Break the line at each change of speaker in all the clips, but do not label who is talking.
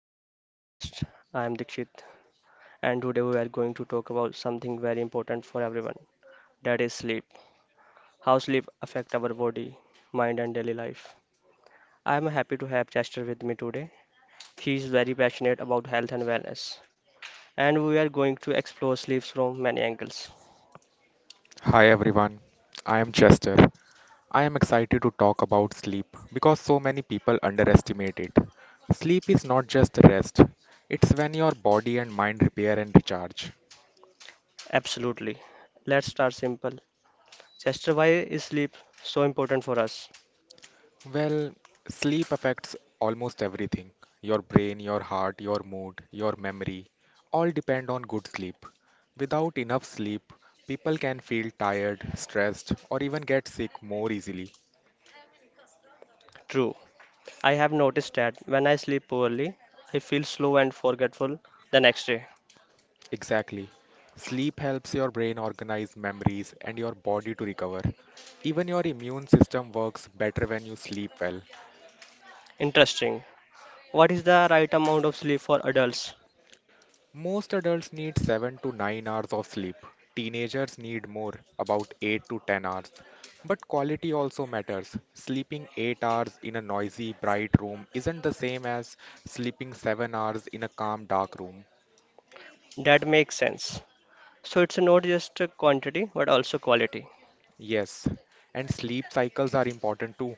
to today's podcast. I am Dikshit and today we are going to talk about something very important for everyone, that is sleep. How sleep affect our body, mind and daily life. I am happy to have Chester with me today. He is very passionate about health and wellness and we are going to explore sleep from many angles.
Hi everyone, I am Chester. I am excited to talk about sleep because so many people underestimate it. Sleep is not just rest, it's when your body and mind repair and recharge.
Absolutely. Let's start simple. Chester, why is sleep so important for us?
Well, sleep affects almost everything your brain, your heart, your mood, your memory all depend on good sleep. Without enough sleep, people can feel tired, stressed, or even get sick more easily.
True. I have noticed that when I sleep poorly, I feel slow and forgetful the next day.
Exactly. Sleep helps your brain organize memories and your body to recover. Even your immune system works better when you sleep well.
Interesting. What is the right amount of sleep for adults?
Most adults need 7 to 9 hours of sleep. Teenagers need more, about 8 to 10 hours. But quality also matters. Sleeping 8 hours in a noisy, bright room isn't the same as sleeping 7 hours in a calm, dark room.
That makes sense. So it's not just a quantity but also quality.
Yes, and sleep cycles are important too.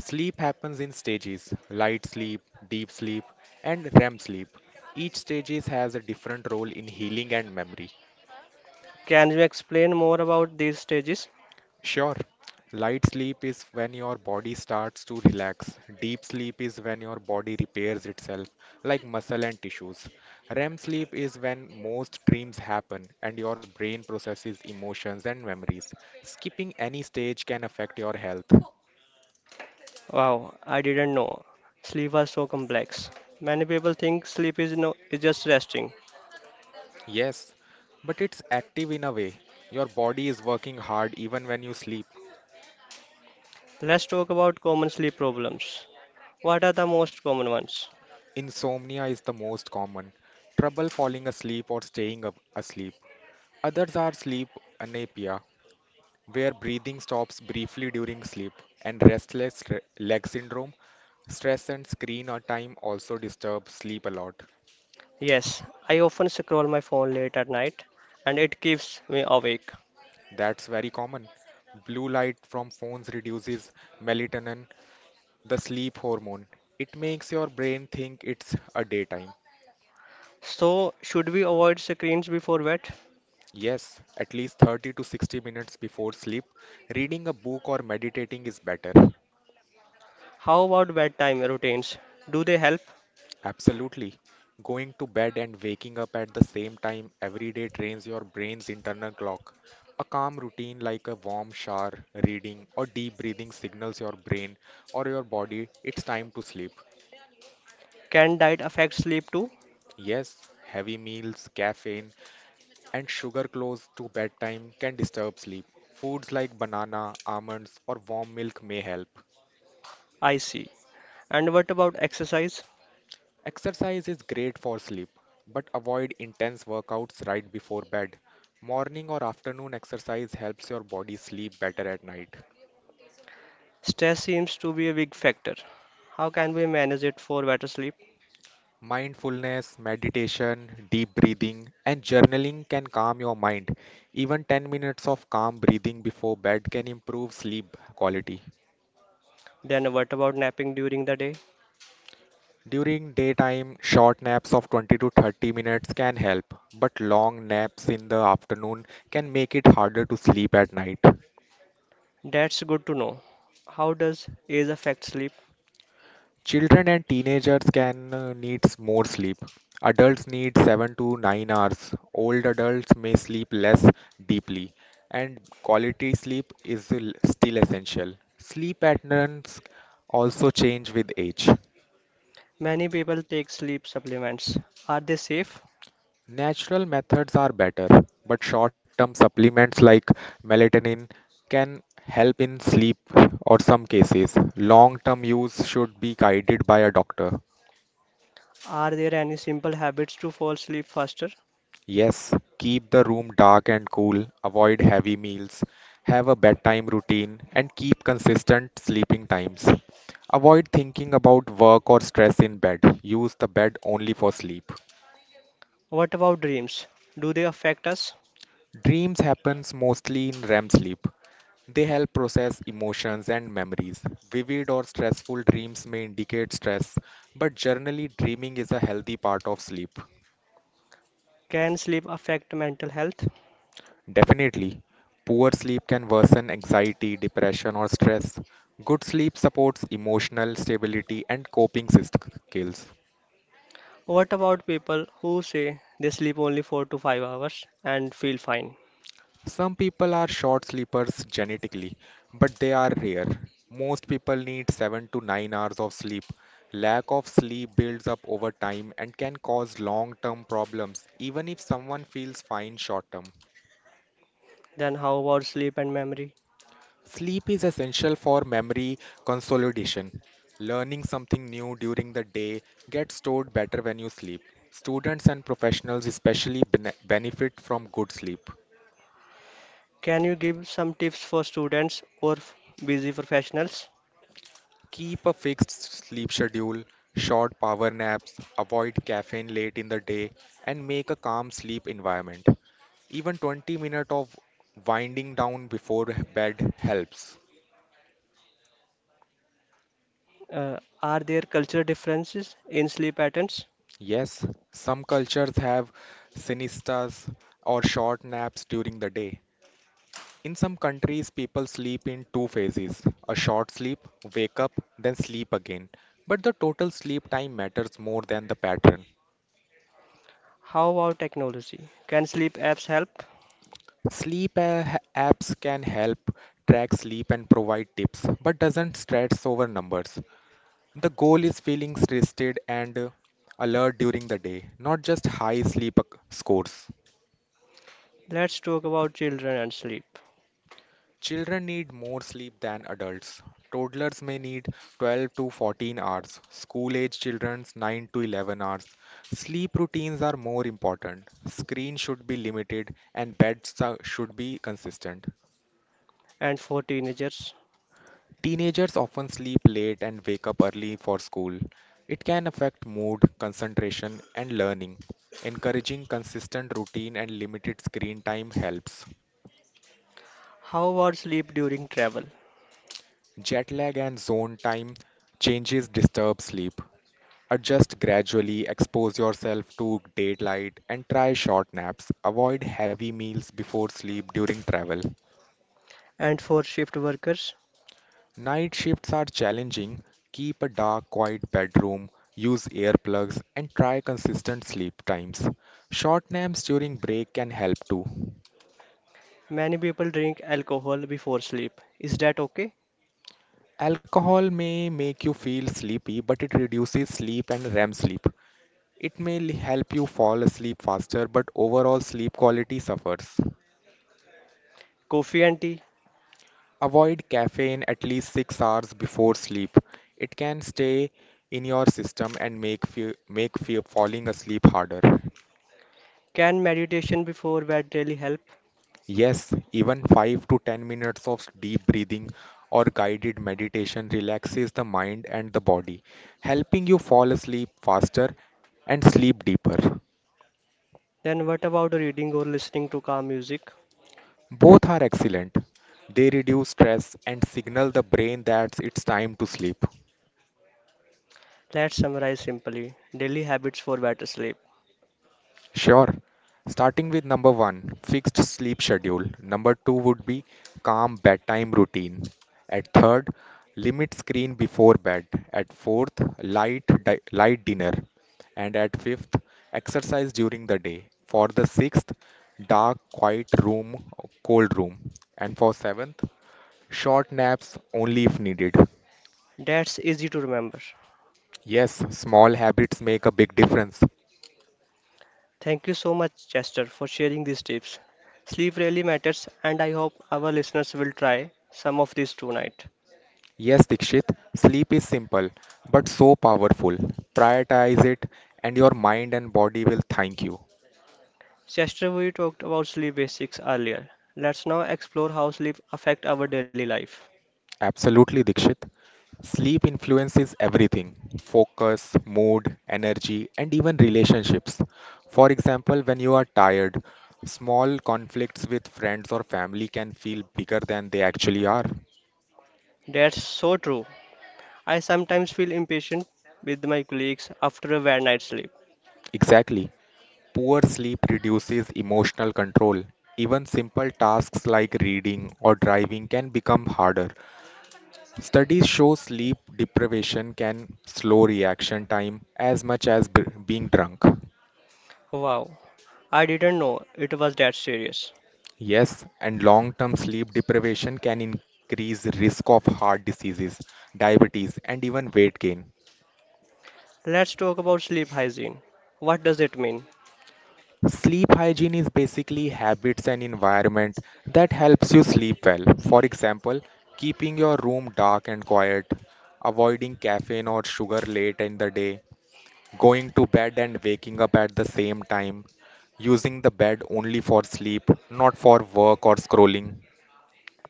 Sleep happens in stages light sleep, deep sleep, and REM sleep. Each stages has a different role in healing and memory.
Can you explain more about these stages?
Sure, light sleep is when your body starts to relax, deep sleep is when your body repairs itself, like muscle and tissues. REM sleep is when most dreams happen and your brain processes emotions and memories. Skipping any stage can affect your health.
Wow, I didn't know sleep was so complex. Many people think sleep is no is just resting.
Yes, but it's active in a way. Your body is working hard even when you sleep.
Let's talk about common sleep problems. What are the most common ones?
Insomnia is the most common. Trouble falling asleep or staying up asleep. Others are sleep apnea, where breathing stops briefly during sleep, and restless leg syndrome. Stress and screen or time also disturb sleep a lot.
Yes, I often scroll my phone late at night and it keeps me awake.
That's very common. Blue light from phones reduces melatonin, the sleep hormone. It makes your brain think it's a daytime.
So, should we avoid screens before bed?
Yes, at least 30 to 60 minutes before sleep, reading a book or meditating is better.
How about bedtime routines? Do they help?
Absolutely. Going to bed and waking up at the same time every day trains your brain's internal clock. A calm routine like a warm shower, reading, or deep breathing signals your brain or your body it's time to sleep.
Can diet affect sleep too?
Yes, heavy meals, caffeine, and sugar close to bedtime can disturb sleep. Foods like banana, almonds, or warm milk may help.
I see. And what about exercise?
Exercise is great for sleep, but avoid intense workouts right before bed. Morning or afternoon exercise helps your body sleep better at night.
Stress seems to be a big factor. How can we manage it for better sleep?
Mindfulness, meditation, deep breathing, and journaling can calm your mind. Even 10 minutes of calm breathing before bed can improve sleep quality.
Then what about napping during the day?
During daytime, short naps of 20 to 30 minutes can help, but long naps in the afternoon can make it harder to sleep at night.
That's good to know. How does age affect sleep?
Children and teenagers can need more sleep. Adults need 7 to 9 hours. Old adults may sleep less deeply, and quality sleep is still essential. Sleep patterns also change with age.
Many people take sleep supplements. Are they safe?
Natural methods are better, but short-term supplements like melatonin can help in sleep or some cases. Long-term use should be guided by a doctor.
Are there any simple habits to fall asleep faster?
Yes, keep the room dark and cool, avoid heavy meals, have a bedtime routine, and keep consistent sleeping times. Avoid thinking about work or stress in bed. Use the bed only for sleep.
What about dreams? Do they affect us?
Dreams happens mostly in REM sleep. They help process emotions and memories. Vivid or stressful dreams may indicate stress, but generally dreaming is a healthy part of sleep.
Can sleep affect mental health?
Definitely, poor sleep can worsen anxiety, depression, or stress. Good sleep supports emotional stability and coping skills.
What about people who say they sleep only 4 to 5 hours and feel fine?
Some people are short sleepers genetically, but they are rare. Most people need 7 to 9 hours of sleep. Lack of sleep builds up over time and can cause long term problems, even if someone feels fine short term.
Then how about sleep and memory?
Sleep is essential for memory consolidation. Learning something new during the day gets stored better when you sleep. Students and professionals especially benefit from good sleep.
Can you give some tips for students busy professionals?
Keep a fixed sleep schedule, short power naps, avoid caffeine late in the day, and make a calm sleep environment. Even 20 minutes of winding down before bed helps.
Uh, are there cultural differences in sleep patterns?
Yes, some cultures have siestas or short naps during the day. In some countries, people sleep in two phases a short sleep, wake up, then sleep again. But the total sleep time matters more than the pattern.
How about technology? Can sleep apps help?
Sleep a- apps can help track sleep and provide tips, but doesn't stress over numbers. The goal is feeling rested and alert during the day, not just high sleep scores.
Let's talk about children and sleep.
Children need more sleep than adults. Toddlers may need 12 to 14 hours, school age children's 9 to 11 hours. Sleep routines are more important. Screen should be limited and beds should be consistent.
And for teenagers,
Teenagers often sleep late and wake up early for school. It can affect mood, concentration, and learning. Encouraging consistent routine and limited screen time helps.
how about sleep during travel?
Jet lag and zone time changes disturb sleep. Adjust gradually, expose yourself to daylight, and try short naps. Avoid heavy meals before sleep during travel.
And for shift workers,
Night shifts are challenging. Keep a dark, quiet bedroom, use earplugs, and try consistent sleep times. Short naps during break can help too.
many people drink alcohol before sleep. Is that okay?
Alcohol may make you feel sleepy, but it reduces sleep and REM sleep. It may help you fall asleep faster, but overall sleep quality suffers.
Coffee and tea?
Avoid caffeine at least 6 hours before sleep. It can stay in your system and make falling asleep harder.
Can meditation before bed really help?
Yes, even 5 to 10 minutes of deep breathing or guided meditation relaxes the mind and the body, helping you fall asleep faster and sleep deeper.
Then what about reading or listening to calm music?
Both are excellent. They reduce stress and signal the brain that it's time to sleep.
Let's summarize simply daily habits for better sleep.
Sure. Starting with number one, fixed sleep schedule. Number two would be calm bedtime routine. At third, limit screen before bed. At fourth, light dinner. And at fifth, exercise during the day. For the sixth, dark, quiet room, cold room. And for seventh, short naps only if needed.
That's easy to remember.
Yes, small habits make a big difference.
Thank you so much, Chester, for sharing these tips. Sleep really matters, and I hope our listeners will try some of these tonight.
Yes, Dikshit, sleep is simple but so powerful. Prioritize it and your mind and body will thank you.
Chester, we talked about sleep basics earlier. Let's now explore how sleep affects our daily life.
Absolutely, Dikshit. Sleep influences everything focus, mood, energy, and even relationships. For example, when you are tired, small conflicts with friends or family can feel bigger than they actually are.
That's so true. I sometimes feel impatient with my colleagues after a bad night's sleep.
Exactly. Poor sleep reduces emotional control. Even simple tasks like reading or driving can become harder. Studies show sleep deprivation can slow reaction time as much as being drunk.
Wow, I didn't know it was that serious.
Yes, and long term sleep deprivation can increase risk of heart diseases, diabetes, and even weight gain.
Let's talk about sleep hygiene. What does it mean?
Sleep hygiene is basically habits and environment that helps you sleep well. For example, keeping your room dark and quiet, avoiding caffeine or sugar late in the day, going to bed and waking up at the same time, using the bed only for sleep, not for work or scrolling.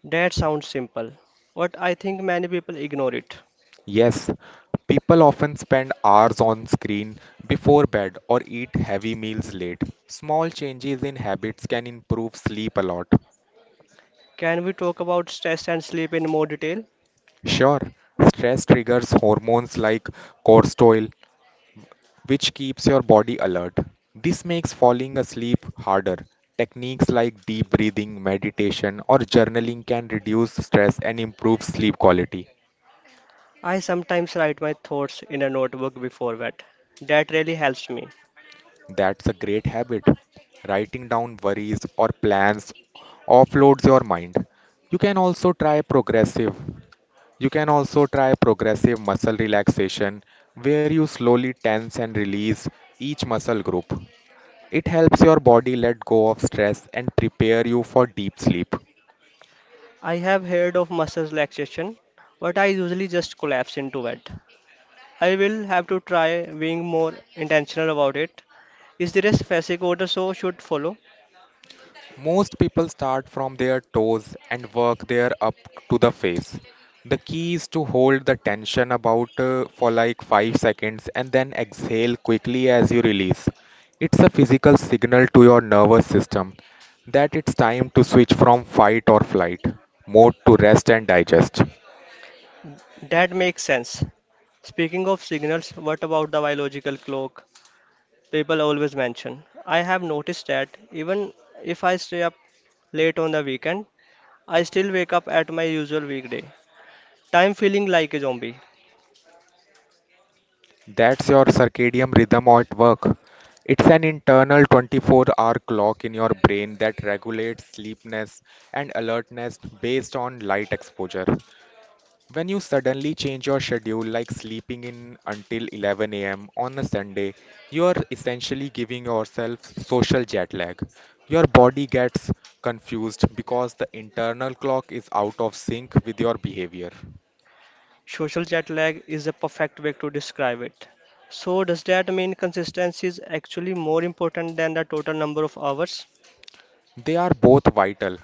That sounds simple, but I think many people ignore it.
Yes, people often spend hours on screen before bed or eat heavy meals late. Small changes in habits can improve sleep a lot.
Can we talk about stress and sleep in more detail?
Sure, stress triggers hormones like cortisol, which keeps your body alert. This makes falling asleep harder. Techniques like deep breathing, meditation, or journaling can reduce stress and improve sleep quality.
I sometimes write my thoughts in a notebook before bed. That really helps me.
That's a great habit. Writing down worries or plans offloads your mind. You can also try progressive. You can also try progressive muscle relaxation where you slowly tense and release each muscle group. It helps your body let go of stress and prepare you for deep sleep.
I have heard of muscle relaxation, but I usually just collapse into bed. I will have to try being more intentional about it. Is there a specific order so should follow?
Most people start from their toes and work their up to the face. The key is to hold the tension about for like 5 seconds and then exhale quickly as you release. It's a physical signal to your nervous system that it's time to switch from fight or flight mode to rest and digest.
That makes sense. Speaking of signals, what about the biological clock people always mention? I have noticed that even if I stay up late on the weekend, I still wake up at my usual weekday time feeling like a zombie.
That's your circadian rhythm at work. It's an internal 24-hour clock in your brain that regulates sleepiness and alertness based on light exposure. When you suddenly change your schedule, like sleeping in until 11 a.m. on a Sunday, you are essentially giving yourself social jet lag. Your body gets confused because the internal clock is out of sync with your behavior.
Social jet lag is a perfect way to describe it. So, does that mean consistency is actually more important than the total number of hours?
They are both vital,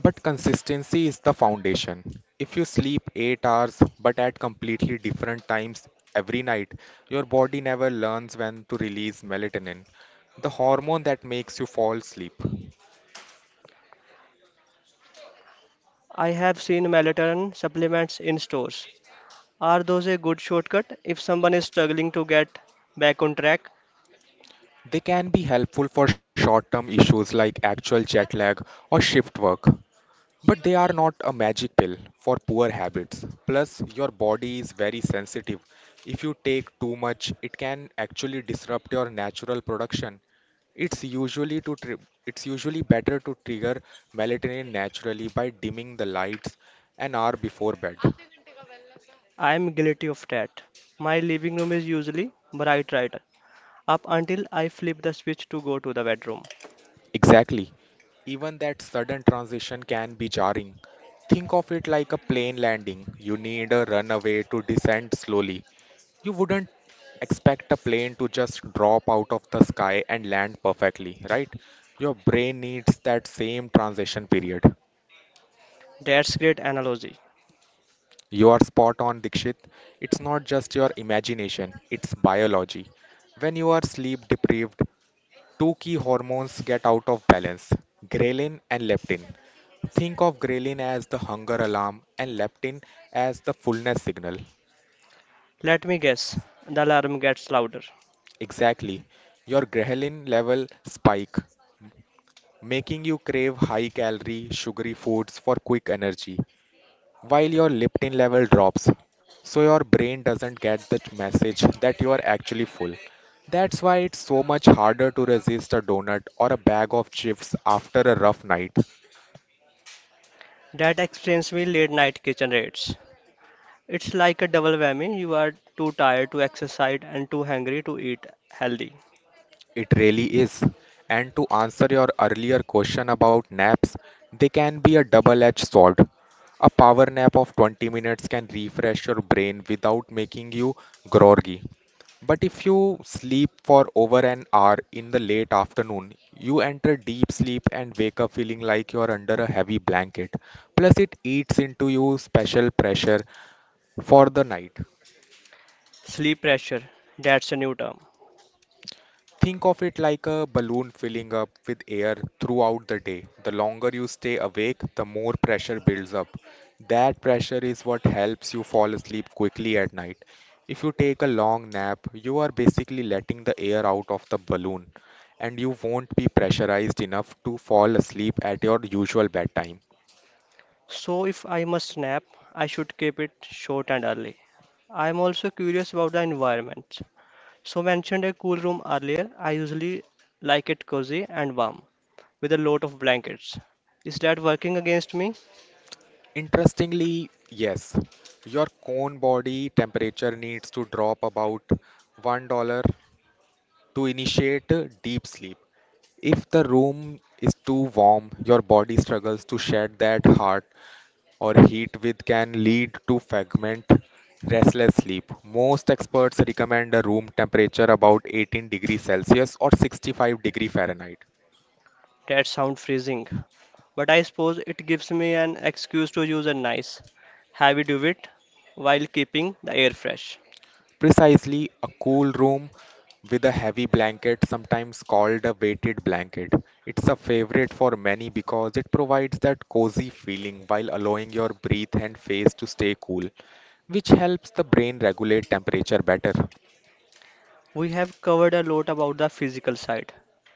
but consistency is the foundation. If you sleep 8 hours but at completely different times every night, your body never learns when to release melatonin, the hormone that makes you fall asleep.
I have seen melatonin supplements in stores. Are those a good shortcut if someone is struggling to get back on track?
They can be helpful for short term issues like actual jet lag or shift work, but they are not a magic pill for poor habits. Plus, your body is very sensitive. If you take too much, it can actually disrupt your natural production. It's usually better to trigger melatonin naturally by dimming the lights an hour before bed.
I am guilty of that. My living room is usually bright red up until I flip the switch to go to the bedroom.
Exactly. Even that sudden transition can be jarring. Think of it like a plane landing. You need a runway to descend slowly. You wouldn't expect a plane to just drop out of the sky and land perfectly, right? Your brain needs that same transition period.
That's great analogy.
You are spot on, Dikshit. It's not just your imagination, it's biology. When you are sleep deprived, two key hormones get out of balance: ghrelin and leptin. Think of ghrelin as the hunger alarm and leptin as the fullness signal.
Let me guess, the alarm gets louder.
Exactly. Your ghrelin level spike, making you crave high calorie, sugary foods for quick energy, while your leptin level drops. So your brain doesn't get the message that you are actually full. That's why it's so much harder to resist a donut or a bag of chips after a rough night.
That explains my late night kitchen raids. It's like a double whammy. You are too tired to exercise and too hungry to eat healthy.
It really is. And to answer your earlier question about naps, they can be a double edged sword. A power nap of 20 minutes can refresh your brain without making you groggy. But if you sleep for over an hour in the late afternoon, you enter deep sleep and wake up feeling like you're under a heavy blanket. Plus, it eats into you special pressure for the night.
Sleep pressure, that's a new term.
Think of it like a balloon filling up with air throughout the day. The longer you stay awake, the more pressure builds up. That pressure is what helps you fall asleep quickly at night. If you take a long nap, you are basically letting the air out of the balloon and you won't be pressurized enough to fall asleep at your usual bedtime.
So if I must nap, I should keep it short and early. I am also curious about the environment. So mentioned a cool room earlier. I usually like it cozy and warm with a lot of blankets. Is that working against me?
Interestingly, yes, your cone body temperature needs to drop about $1 to initiate deep sleep. If the room is too warm, your body struggles to shed that hot or heat, which can lead to fragment, restless sleep. Most experts recommend a room temperature about 18 degrees Celsius or 65 degrees Fahrenheit.
That sound freezing, but I suppose it gives me an excuse to use a nice, heavy duvet while keeping the air fresh.
Precisely, a cool room with a heavy blanket, sometimes called a weighted blanket. It's a favorite for many because it provides that cozy feeling while allowing your breath and face to stay cool, which helps the brain regulate temperature better.
We have covered a lot about the physical side,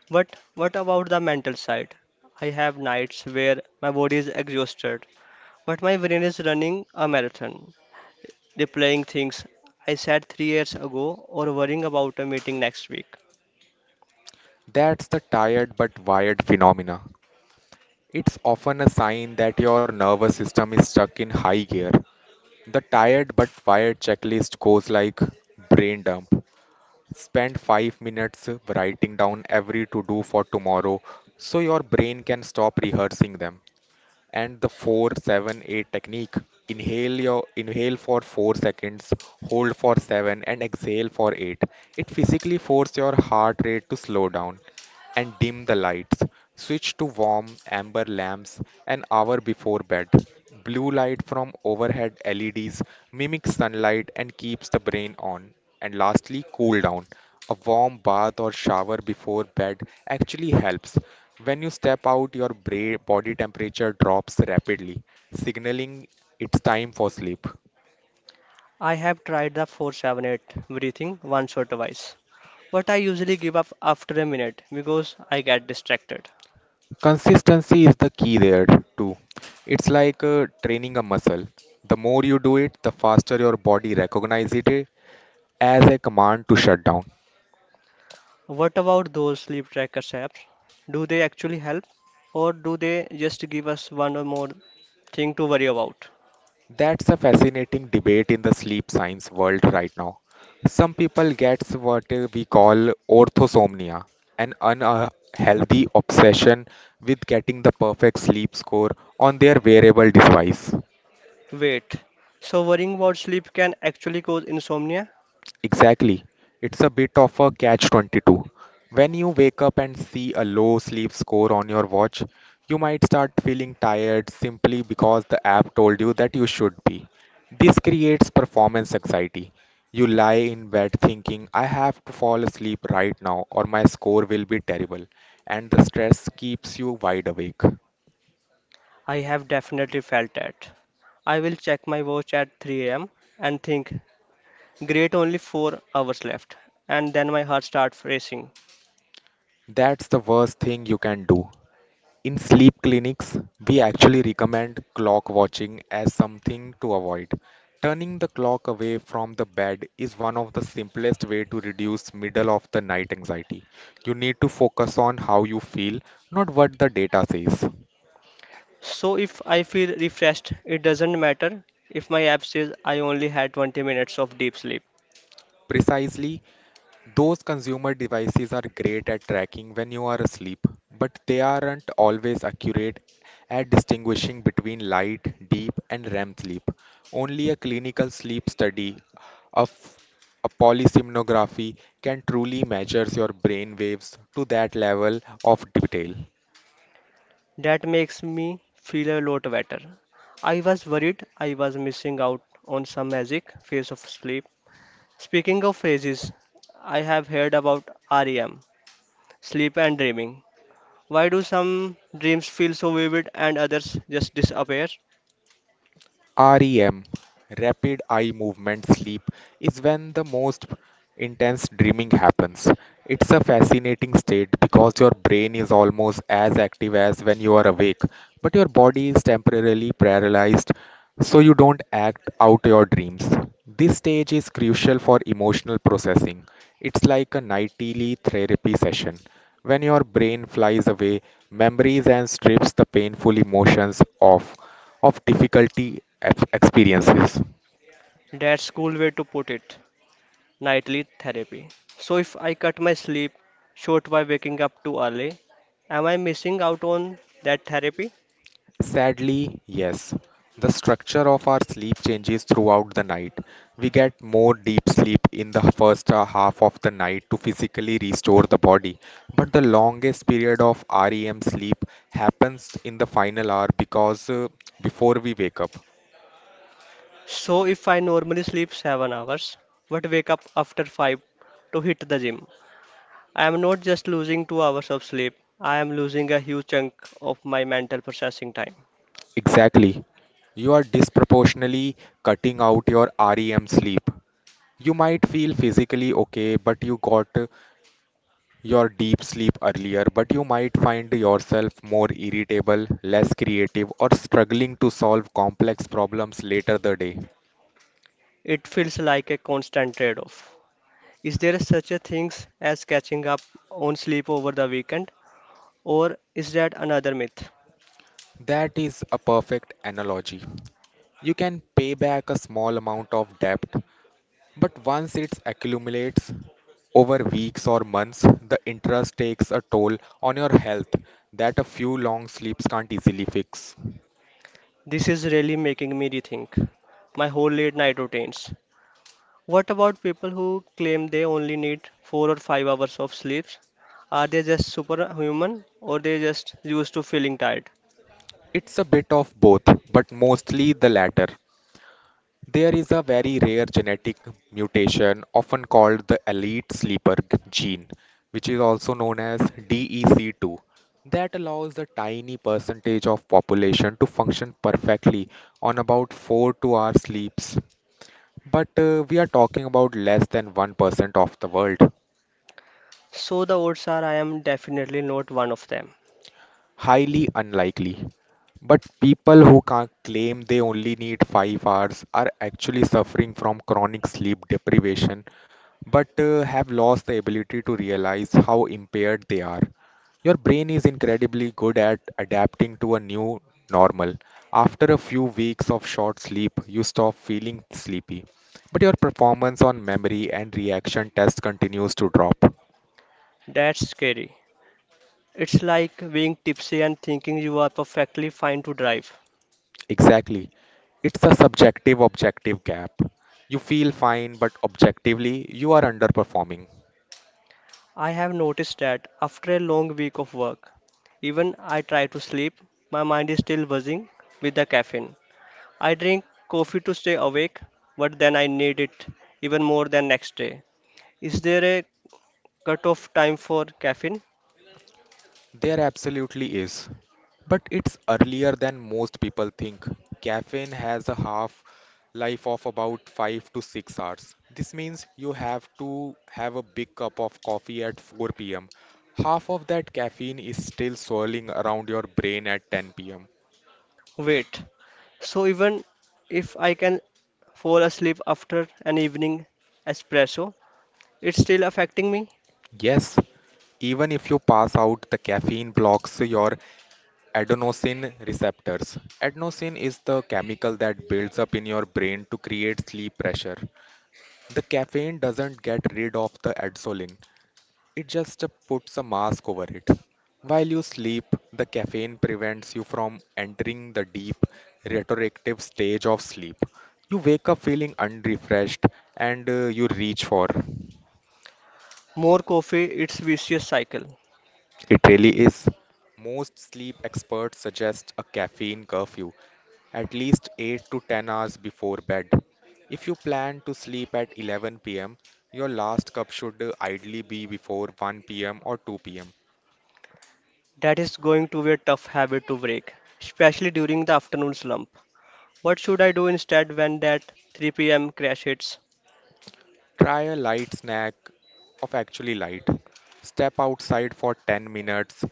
but what about the mental side? I have nights where my body is exhausted, but my brain is running a marathon, replying things I said 3 years ago or worrying about a meeting next week.
That's the tired but wired phenomena. It's often a sign that your nervous system is stuck in high gear. The tired but wired checklist goes like brain dump. Spend 5 minutes writing down every to do for tomorrow so your brain can stop rehearsing them and the 478 technique. Inhale for 4 seconds, hold for 7 and exhale for 8. It physically forces your heart rate to slow down and dim the lights. Switch to warm amber lamps an hour before bed. Blue light from overhead LEDs mimics sunlight and keeps the brain on. And lastly, cool down. A warm bath or shower before bed actually helps. When you step out, your body temperature drops rapidly, signaling it's time for sleep.
I have tried the 478 breathing once or twice, but I usually give up after a minute because I get distracted.
Consistency is the key there too. It's like training a muscle. The more you do it, the faster your body recognizes it as a command to shut down.
What about those sleep tracker apps? Do they actually help or do they just give us one or more thing to worry about?
That's a fascinating debate in the sleep science world right now. Some people get what we call orthosomnia, an unhealthy obsession with getting the perfect sleep score on their wearable device.
Wait, so worrying about sleep can actually cause insomnia?
Exactly. It's a bit of a catch-22. When you wake up and see a low sleep score on your watch, you might start feeling tired simply because the app told you that you should be. This creates performance anxiety. You lie in bed thinking, I have to fall asleep right now or my score will be terrible, and the stress keeps you wide awake.
I have definitely felt that. I will check my watch at 3 a.m. and think, "Great, only 4 hours left," and then my heart starts racing.
That's the worst thing you can do. In sleep clinics, we actually recommend clock watching as something to avoid. Turning the clock away from the bed is one of the simplest way to reduce middle of the night anxiety. You need to focus on how you feel, not what the data says.
So if I feel refreshed, it doesn't matter if my app says I only had 20 minutes of deep sleep.
Precisely. Those consumer devices are great at tracking when you are asleep, but they aren't always accurate at distinguishing between light, deep, and REM sleep. Only a clinical sleep study of a polysomnography can truly measure your brain waves to that level of detail.
That makes me feel a lot better. I was worried I was missing out on some magic phase of sleep. Speaking of phases, I have heard about REM sleep and dreaming. Why do some dreams feel so vivid and others just disappear?
REM, rapid eye movement sleep, is when the most intense dreaming happens. It's a fascinating state because your brain is almost as active as when you are awake, but your body is temporarily paralyzed so you don't act out your dreams. This stage is crucial for emotional processing. It's like a nightly therapy session. When your brain flies away, memories and strips the painful emotions of difficulty experiences.
That's cool way to put it. Nightly therapy. So, if I cut my sleep short by waking up too early, am I missing out on that therapy?
Sadly, yes. The structure of our sleep changes throughout the night. We get more deep sleep in the first half of the night to physically restore the body, but the longest period of REM sleep happens in the final hour because before we wake up.
So, if I normally sleep 7 hours but wake up after 5 to hit the gym, I am not just losing 2 hours of sleep, I am losing a huge chunk of my mental processing time.
Exactly. You are disproportionately cutting out your REM sleep. You might feel physically okay, but you got your deep sleep earlier, but you might find yourself more irritable, less creative, or struggling to solve complex problems later the day.
It feels like a constant trade off. Is there such a thing as catching up on sleep over the weekend, or is that another myth?
That is a perfect analogy. You can pay back a small amount of debt. But once it accumulates over weeks or months, the interest takes a toll on your health that a few long sleeps can't easily fix.
This is really making me rethink my whole late night routines. What about people who claim they only need 4 or 5 hours of sleep? Are they just superhuman or they just used to feeling tired?
It's a bit of both, but mostly the latter. There is a very rare genetic mutation, often called the elite sleeper gene, which is also known as DEC2, that allows a tiny percentage of population to function perfectly on about 4 to hour sleeps. But we are talking about less than 1% of the world.
So the odds are I am definitely not one of them.
Highly unlikely. But people who can claim they only need 5 hours are actually suffering from chronic sleep deprivation but have lost the ability to realize how impaired they are. Your brain is incredibly good at adapting to a new normal. After a few weeks of short sleep, you stop feeling sleepy, but your performance on memory and reaction test continues to drop.
That's scary. It's like being tipsy and thinking you are perfectly fine to drive.
Exactly. It's a subjective objective gap. You feel fine, but objectively, you are underperforming.
I have noticed that after a long week of work, even I try to sleep, my mind is still buzzing with the caffeine. I drink coffee to stay awake, but then I need it even more than next day. Is there a cutoff time for caffeine?
There absolutely is. But it's earlier than most people think. Caffeine has a half life of about 5 to 6 hours. This means you have to have a big cup of coffee at 4 pm. Half of that caffeine is still swirling around your brain at 10 pm.
Wait. So even if I can fall asleep after an evening espresso, it's still affecting me?
Yes, even if you pass out, the caffeine blocks your adenosine receptors. Adenosine is the chemical that builds up in your brain to create sleep pressure. The caffeine doesn't get rid of the adenosine, it just puts a mask over it. While you sleep, the caffeine prevents you from entering the deep, retroactive stage of sleep. You wake up feeling unrefreshed and you reach for.
More coffee, it's vicious cycle.
It really is. Most sleep experts suggest a caffeine curfew, at least 8 to 10 hours before bed. If you plan to sleep at 11 p.m., your last cup should ideally be before 1 p.m. or 2 pm.
That is going to be a tough habit to break, especially during the afternoon slump. What should I do instead when that 3 p.m. crash hits?
Try a light snack of actually light. Step outside for 10 minutes.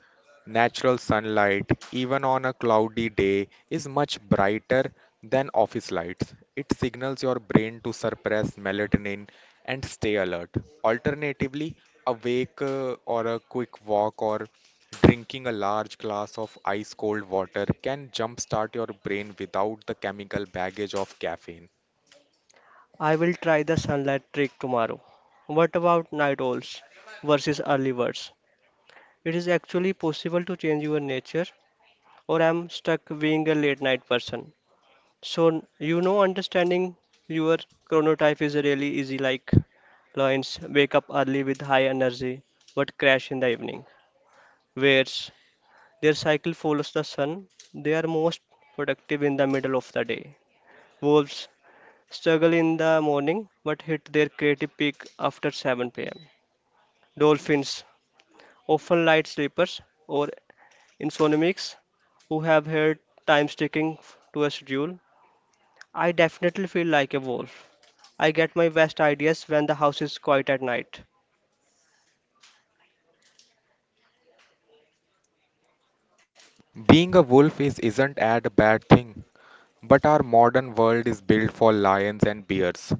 Natural sunlight, even on a cloudy day, is much brighter than office lights. It signals your brain to suppress melatonin and stay alert. Alternatively, a quick walk or drinking a large glass of ice cold water can jumpstart your brain without the chemical baggage of caffeine.
I will try the sunlight trick tomorrow. What about night owls versus early birds? It is actually possible to change your nature, or I'm stuck being a late night person. So, you know, understanding your chronotype is really easy, like lions wake up early with high energy but crash in the evening, whereas their cycle follows the sun, they are most productive in the middle of the day. Wolves struggle in the morning but hit their creative peak after 7 pm. Dolphins, often light sleepers or insomniacs who have hard time sticking to a schedule. I definitely feel like a wolf. I get my best ideas when the house is quiet at night.
Being a wolf is isn't a bad thing, but our modern world is built for lions and bears.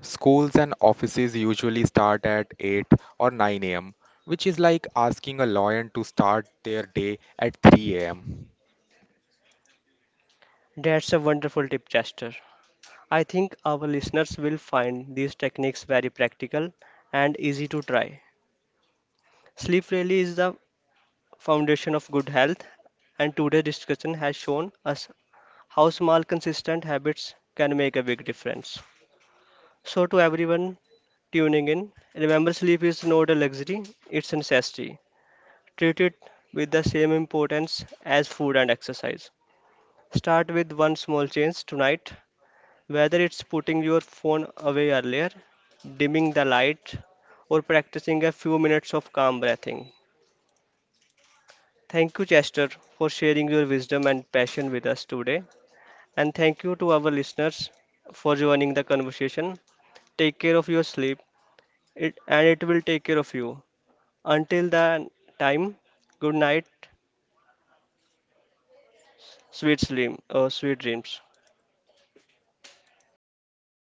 Schools and offices usually start at 8 or 9 a.m., which is like asking a lion to start their day at 3 am.
That's a wonderful tip, Chester. I think our listeners will find these techniques very practical and easy to try. Sleep really is the foundation of good health, and today's discussion has shown us how small consistent habits can make a big difference. So, to everyone tuning in, remember sleep is not a luxury, it's a necessity. Treat it with the same importance as food and exercise. Start with one small change tonight, whether it's putting your phone away earlier, dimming the light, or practicing a few minutes of calm breathing. Thank you, Chester, for sharing your wisdom and passion with us today. And thank you to our listeners for joining the conversation. Take care of your sleep, it, and it will take care of you. Until that time, good night, sweet sweet dreams.